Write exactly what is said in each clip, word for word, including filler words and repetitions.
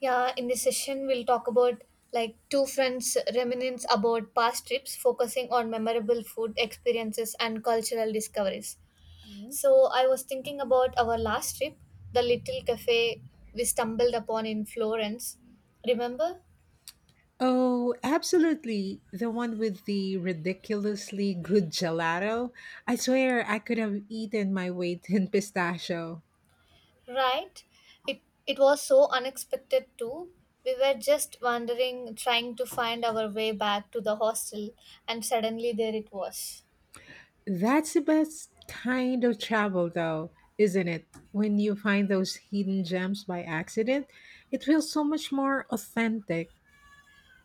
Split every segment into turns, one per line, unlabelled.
Yeah, in this session, we'll talk about like two friends reminisce about past trips, focusing on memorable food experiences and cultural discoveries. So, I was thinking about our last trip, the little cafe we stumbled upon in Florence. Remember?
Oh, absolutely. The one with the ridiculously good gelato. I swear I could have eaten my weight in pistachio.
Right? It, it was so unexpected, too. We were just wandering, trying to find our way back to the hostel, and suddenly there it was.
That's the best kind of travel, though, isn't it? When you find those hidden gems by accident, it feels so much more authentic.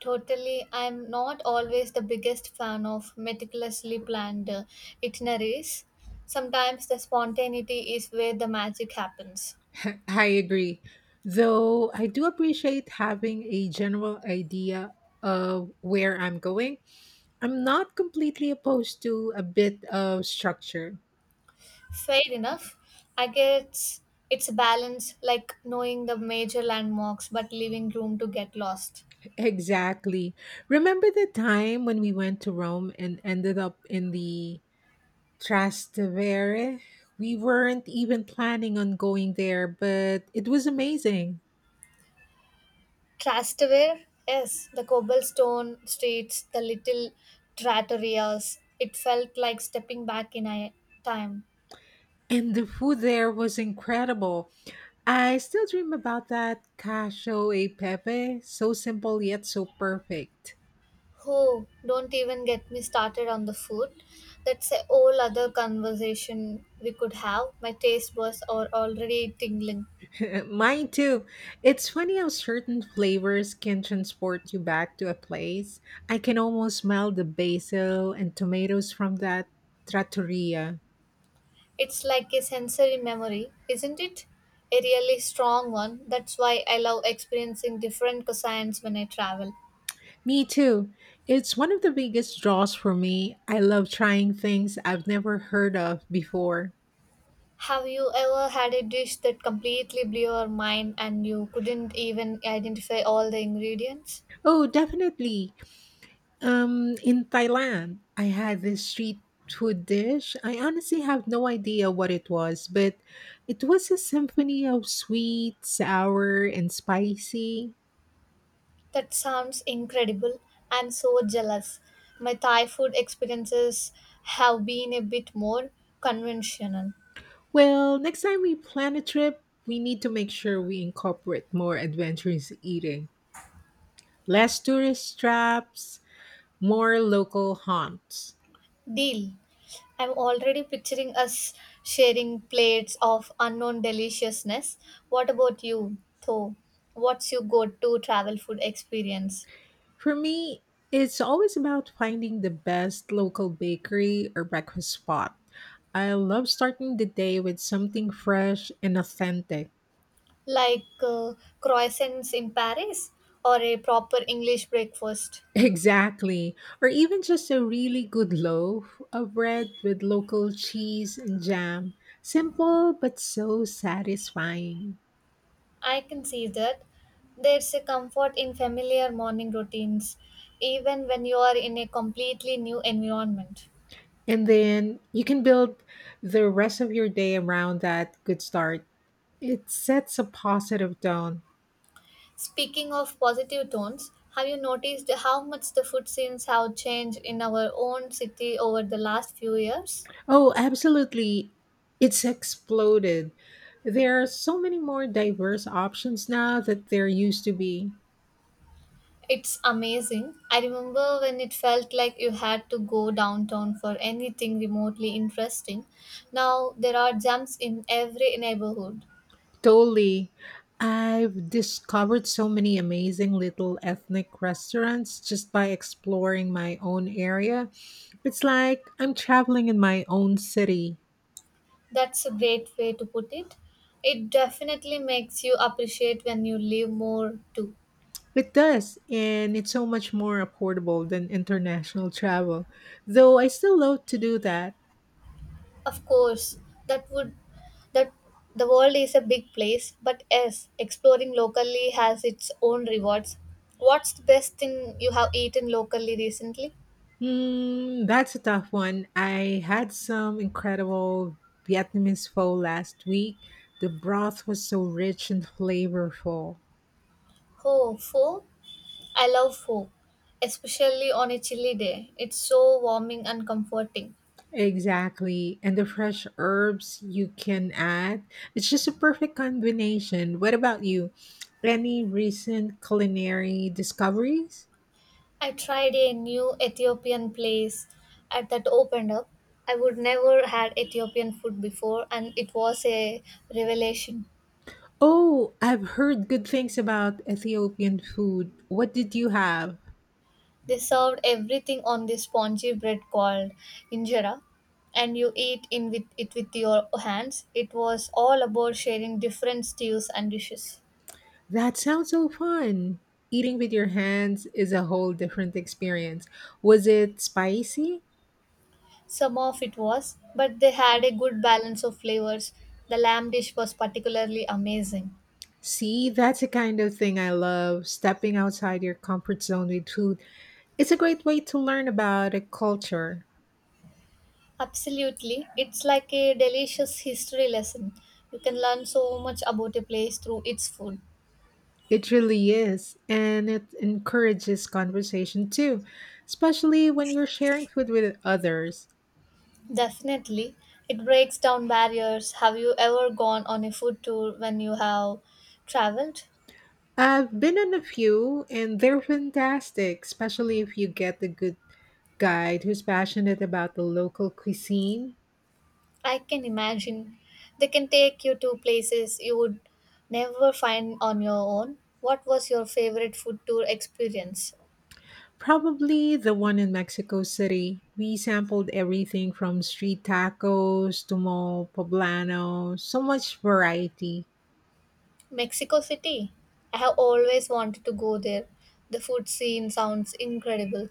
Totally, I'm not always the biggest fan of meticulously planned uh, itineraries. Sometimes the spontaneity is where the magic happens.
I agree. Though I do appreciate having a general idea of where I'm going, I'm not completely opposed to a bit of structure.
Fair enough. I guess it's a balance like knowing the major landmarks but leaving room to get lost.
Exactly. Remember the time when we went to Rome and ended up in the Trastevere? We weren't even planning on going there, but it was amazing.
Trastevere, yes, the cobblestone streets, the little trattorias. It felt like stepping back in a time.
And the food there was incredible. I still dream about that cacio e pepe, so simple yet so perfect.
Oh, don't even get me started on the food. That's a whole other conversation we could have. My taste buds are already tingling.
Mine too. It's funny how certain flavors can transport you back to a place. I can almost smell the basil and tomatoes from that trattoria.
It's like a sensory memory, isn't it? A really strong one. That's why I love experiencing different cuisines when I travel.
Me too. It's one of the biggest draws for me. I love trying things I've never heard of before.
Have you ever had a dish that completely blew your mind and you couldn't even identify all the ingredients?
Oh, definitely. Um, in Thailand, I had this street food dish. I honestly have no idea what it was, but it was a symphony of sweet, sour, and spicy.
That sounds incredible. I'm so jealous. My Thai food experiences have been a bit more conventional.
Well, next time we plan a trip, we need to make sure we incorporate more adventurous eating, less tourist traps, more local haunts.
Deal. I'm already picturing us sharing plates of unknown deliciousness. What about you, though? What's your go to travel food experience?
For me, it's always about finding the best local bakery or breakfast spot. I love starting the day with something fresh and authentic.
Like uh, croissants in Paris or a proper English breakfast?
Exactly. Or even just a really good loaf of bread with local cheese and jam. Simple but so satisfying.
I can see that. There's a comfort in familiar morning routines, even when you are in a completely new environment.
And then you can build the rest of your day around that good start. It sets a positive tone.
Speaking of positive tones, have you noticed how much the food scenes have changed in our own city over the last few years?
Oh, absolutely. It's exploded. There are so many more diverse options now that there used to be.
It's amazing. I remember when it felt like you had to go downtown for anything remotely interesting. Now there are jumps in every neighborhood.
Totally. I've discovered so many amazing little ethnic restaurants just by exploring my own area. It's like I'm traveling in my own city.
That's a great way to put it. It definitely makes you appreciate when you live more too.
It does, and it's so much more affordable than international travel, though I still love to do that.
Of course, that would that the world is a big place, but yes, exploring locally has its own rewards. What's the best thing you have eaten locally recently?
Mm, that's a tough one. I had some incredible Vietnamese pho last week. The broth was so rich and flavorful.
Oh, pho. I love pho, especially on a chilly day. It's so warming and comforting.
Exactly. And the fresh herbs you can add. It's just a perfect combination. What about you? Any recent culinary discoveries?
I tried a new Ethiopian place at that opened up. I would never had Ethiopian food before and it was a revelation.
Oh, I've heard good things about Ethiopian food. What did you have?
They served everything on this spongy bread called injera and you eat in with it with your hands. It was all about sharing different stews and dishes.
That sounds so fun. Eating with your hands is a whole different experience. Was it spicy?
Some of it was, but they had a good balance of flavors. The lamb dish was particularly amazing.
See, that's the kind of thing I love, stepping outside your comfort zone with food. It's a great way to learn about a culture.
Absolutely. It's like a delicious history lesson. You can learn so much about a place through its food.
It really is. And it encourages conversation too, especially when you're sharing food with others.
Definitely. It breaks down barriers. Have you ever gone on a food tour when you have traveled?
I've been on a few and they're fantastic, especially if you get a good guide who's passionate about the local cuisine.
I can imagine. They can take you to places you would never find on your own. What was your favorite food tour experience?
Probably the one in Mexico City. We sampled everything from street tacos to mole poblano, so much variety.
Mexico City. I have always wanted to go there. The food scene sounds incredible.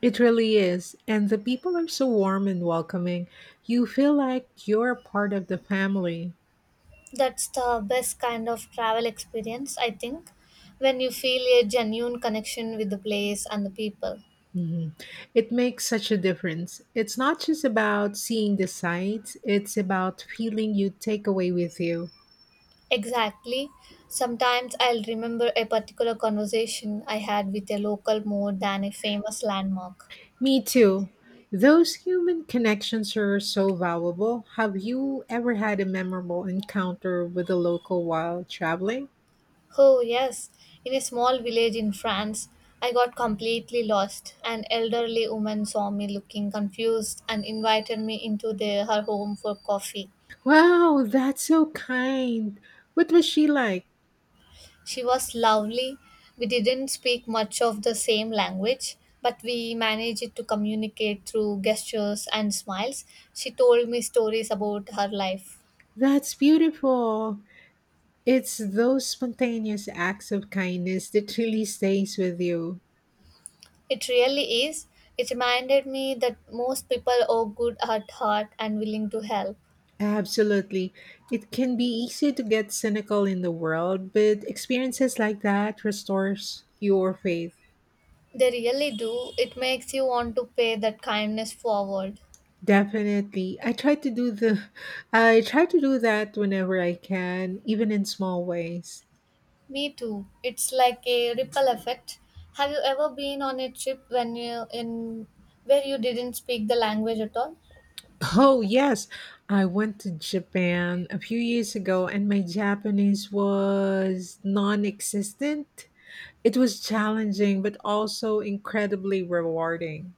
It really is. And the people are so warm and welcoming. You feel like you're a part of the family.
That's the best kind of travel experience, I think, when you feel a genuine connection with the place and the people.
Mhm. It makes such a difference. It's not just about seeing the sights, it's about feeling you take away with you.
Exactly. Sometimes I'll remember a particular conversation I had with a local more than a famous landmark.
Me too. Those human connections are so valuable. Have you ever had a memorable encounter with a local while traveling?
Oh, yes, in a small village in France, I got completely lost. An elderly woman saw me looking confused and invited me into the, her home for coffee.
Wow, that's so kind. What was she like?
She was lovely. We didn't speak much of the same language, but we managed to communicate through gestures and smiles. She told me stories about her life.
That's beautiful. It's those spontaneous acts of kindness that really stays with you.
It really is. It reminded me that most people are good at heart and willing to help.
Absolutely. It can be easy to get cynical in the world, but experiences like that restores your faith.
They really do. It makes you want to pay that kindness forward.
Definitely. I try to do the I try to do that whenever I can, even in small ways.
Me too. It's like a ripple effect. Have you ever been on a trip when you in where you didn't speak the language at all?
Oh, yes. I went to Japan a few years ago and my Japanese was non-existent. It was challenging but also incredibly rewarding.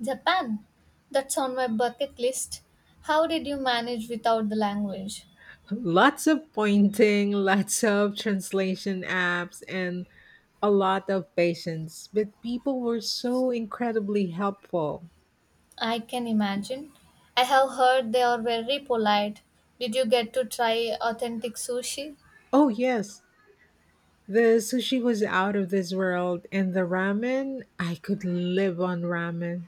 Japan, that's on my bucket list. How did you manage without the language?
Lots of pointing, lots of translation apps, and a lot of patience. But people were so incredibly helpful.
I can imagine. I have heard they are very polite. Did you get to try authentic sushi?
Oh, yes. The sushi was out of this world, and the ramen, I could live on ramen.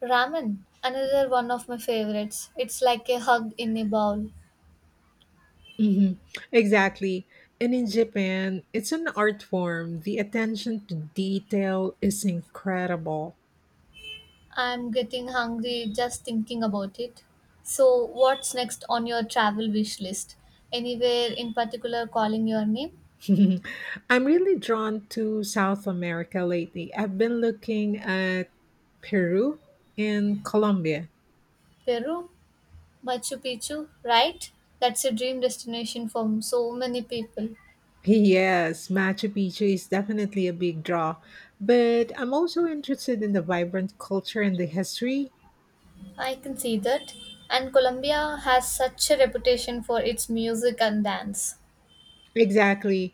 Ramen, another one of my favorites. It's like a hug in a bowl.
Hmm. Exactly. And in Japan, it's an art form. The attention to detail is incredible.
I'm getting hungry just thinking about it. So, what's next on your travel wish list? Anywhere in particular calling your name?
I'm really drawn to South America lately. I've been looking at Peru and Colombia.
Peru? Machu Picchu, right? That's a dream destination for so many people.
Yes, Machu Picchu is definitely a big draw, but I'm also interested in the vibrant culture and the history.
I can see that. And Colombia has such a reputation for its music and dance.
Exactly.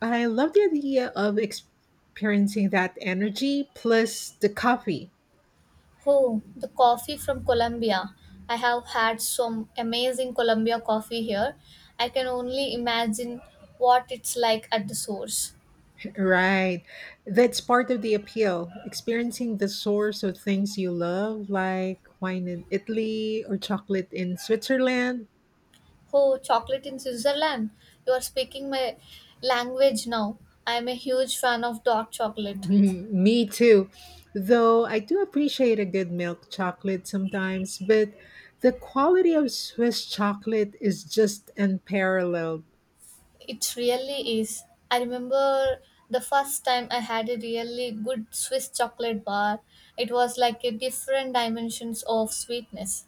I love the idea of experiencing that energy plus the coffee.
Oh, the coffee from Colombia. I have had some amazing Colombia coffee here. I can only imagine what it's like at the source.
Right. That's part of the appeal. Experiencing the source of things you love, like wine in Italy or chocolate in Switzerland.
Oh, chocolate in Switzerland. You are speaking my language now. I am a huge fan of dark chocolate.
Mm, me too. Though I do appreciate a good milk chocolate sometimes, but the quality of Swiss chocolate is just unparalleled.
It really is. I remember the first time I had a really good Swiss chocolate bar. It was like a different dimensions of sweetness.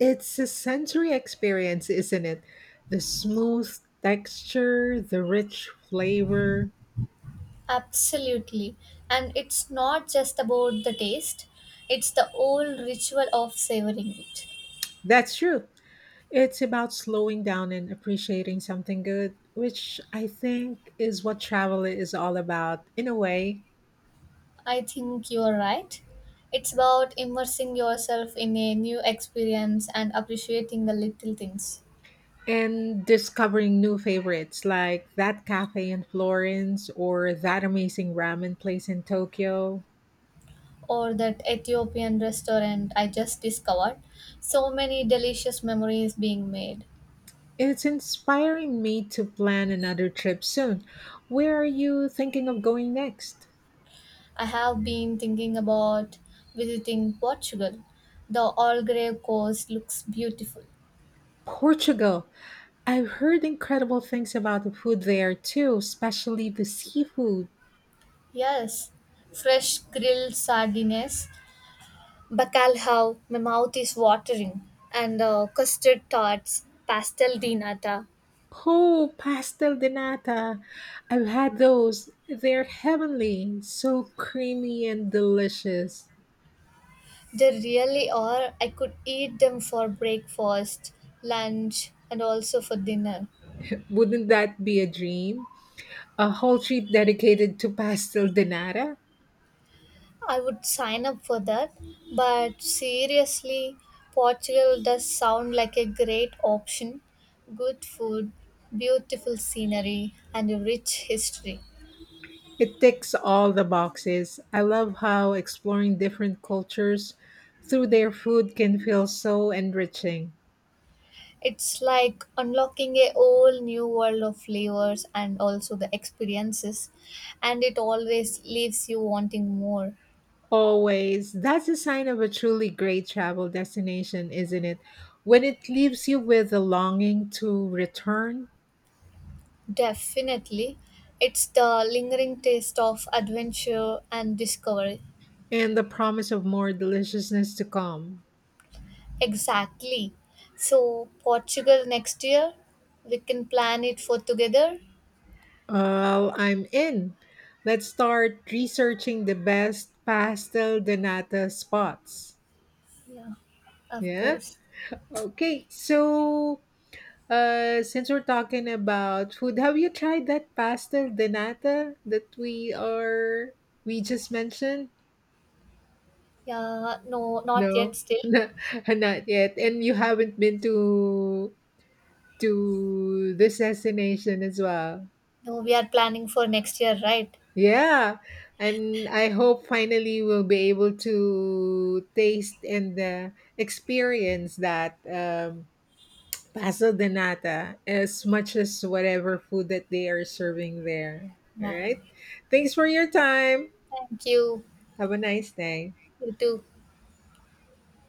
It's a sensory experience, isn't it? The smooth texture, the rich flavor.
Absolutely. And it's not just about the taste, it's the old ritual of savoring it.
That's true. It's about slowing down and appreciating something good, which I think is what travel is all about in a way,
I think you're right. It's about immersing yourself in a new experience and appreciating the little things.
and discovering new favorites like that cafe in Florence or that amazing ramen place in Tokyo.
Or that Ethiopian restaurant I just discovered. So many delicious memories being made.
It's inspiring me to plan another trip soon. Where are you thinking of going next?
I have been thinking about visiting Portugal. The Algarve coast looks beautiful.
Portugal. I've heard incredible things about the food there too, especially the seafood.
Yes, fresh grilled sardines, bacalhau, my mouth is watering, and uh, custard tarts, pastel de nata.
Oh, pastel de nata. I've had those. They're heavenly, so creamy and delicious.
They really are. I could eat them for breakfast, lunch, and also for dinner.
Wouldn't that be a dream? A whole trip dedicated to pastel de nata?
I would sign up for that. But seriously, Portugal does sound like a great option. Good food, beautiful scenery, and a rich history.
It ticks all the boxes. I love how exploring different cultures through their food can feel so enriching.
It's like unlocking a whole new world of flavors and also the experiences, and it always leaves you wanting more.
Always. That's a sign of a truly great travel destination, isn't it? When it leaves you with a longing to return.
Definitely, it's the lingering taste of adventure and discovery.
And the promise of more deliciousness to come.
Exactly. So, Portugal next year, we can plan it for together.
Oh, I'm in. Let's start researching the best pastel de nata spots.
Yeah, of
Yeah?
course.
Okay, so uh, since we're talking about food, have you tried that pastel de nata that we are we just mentioned?
Yeah, no, not yet
No,
still.
not not yet. And you haven't been to to this destination as well.
No, we are planning for next year, right?
Yeah, and I hope finally we'll be able to taste and uh, experience that um, Paso de Nata as much as whatever food that they are serving there. All
Yeah.
right. Thanks for your time.
Thank you.
Have a nice day.
You too.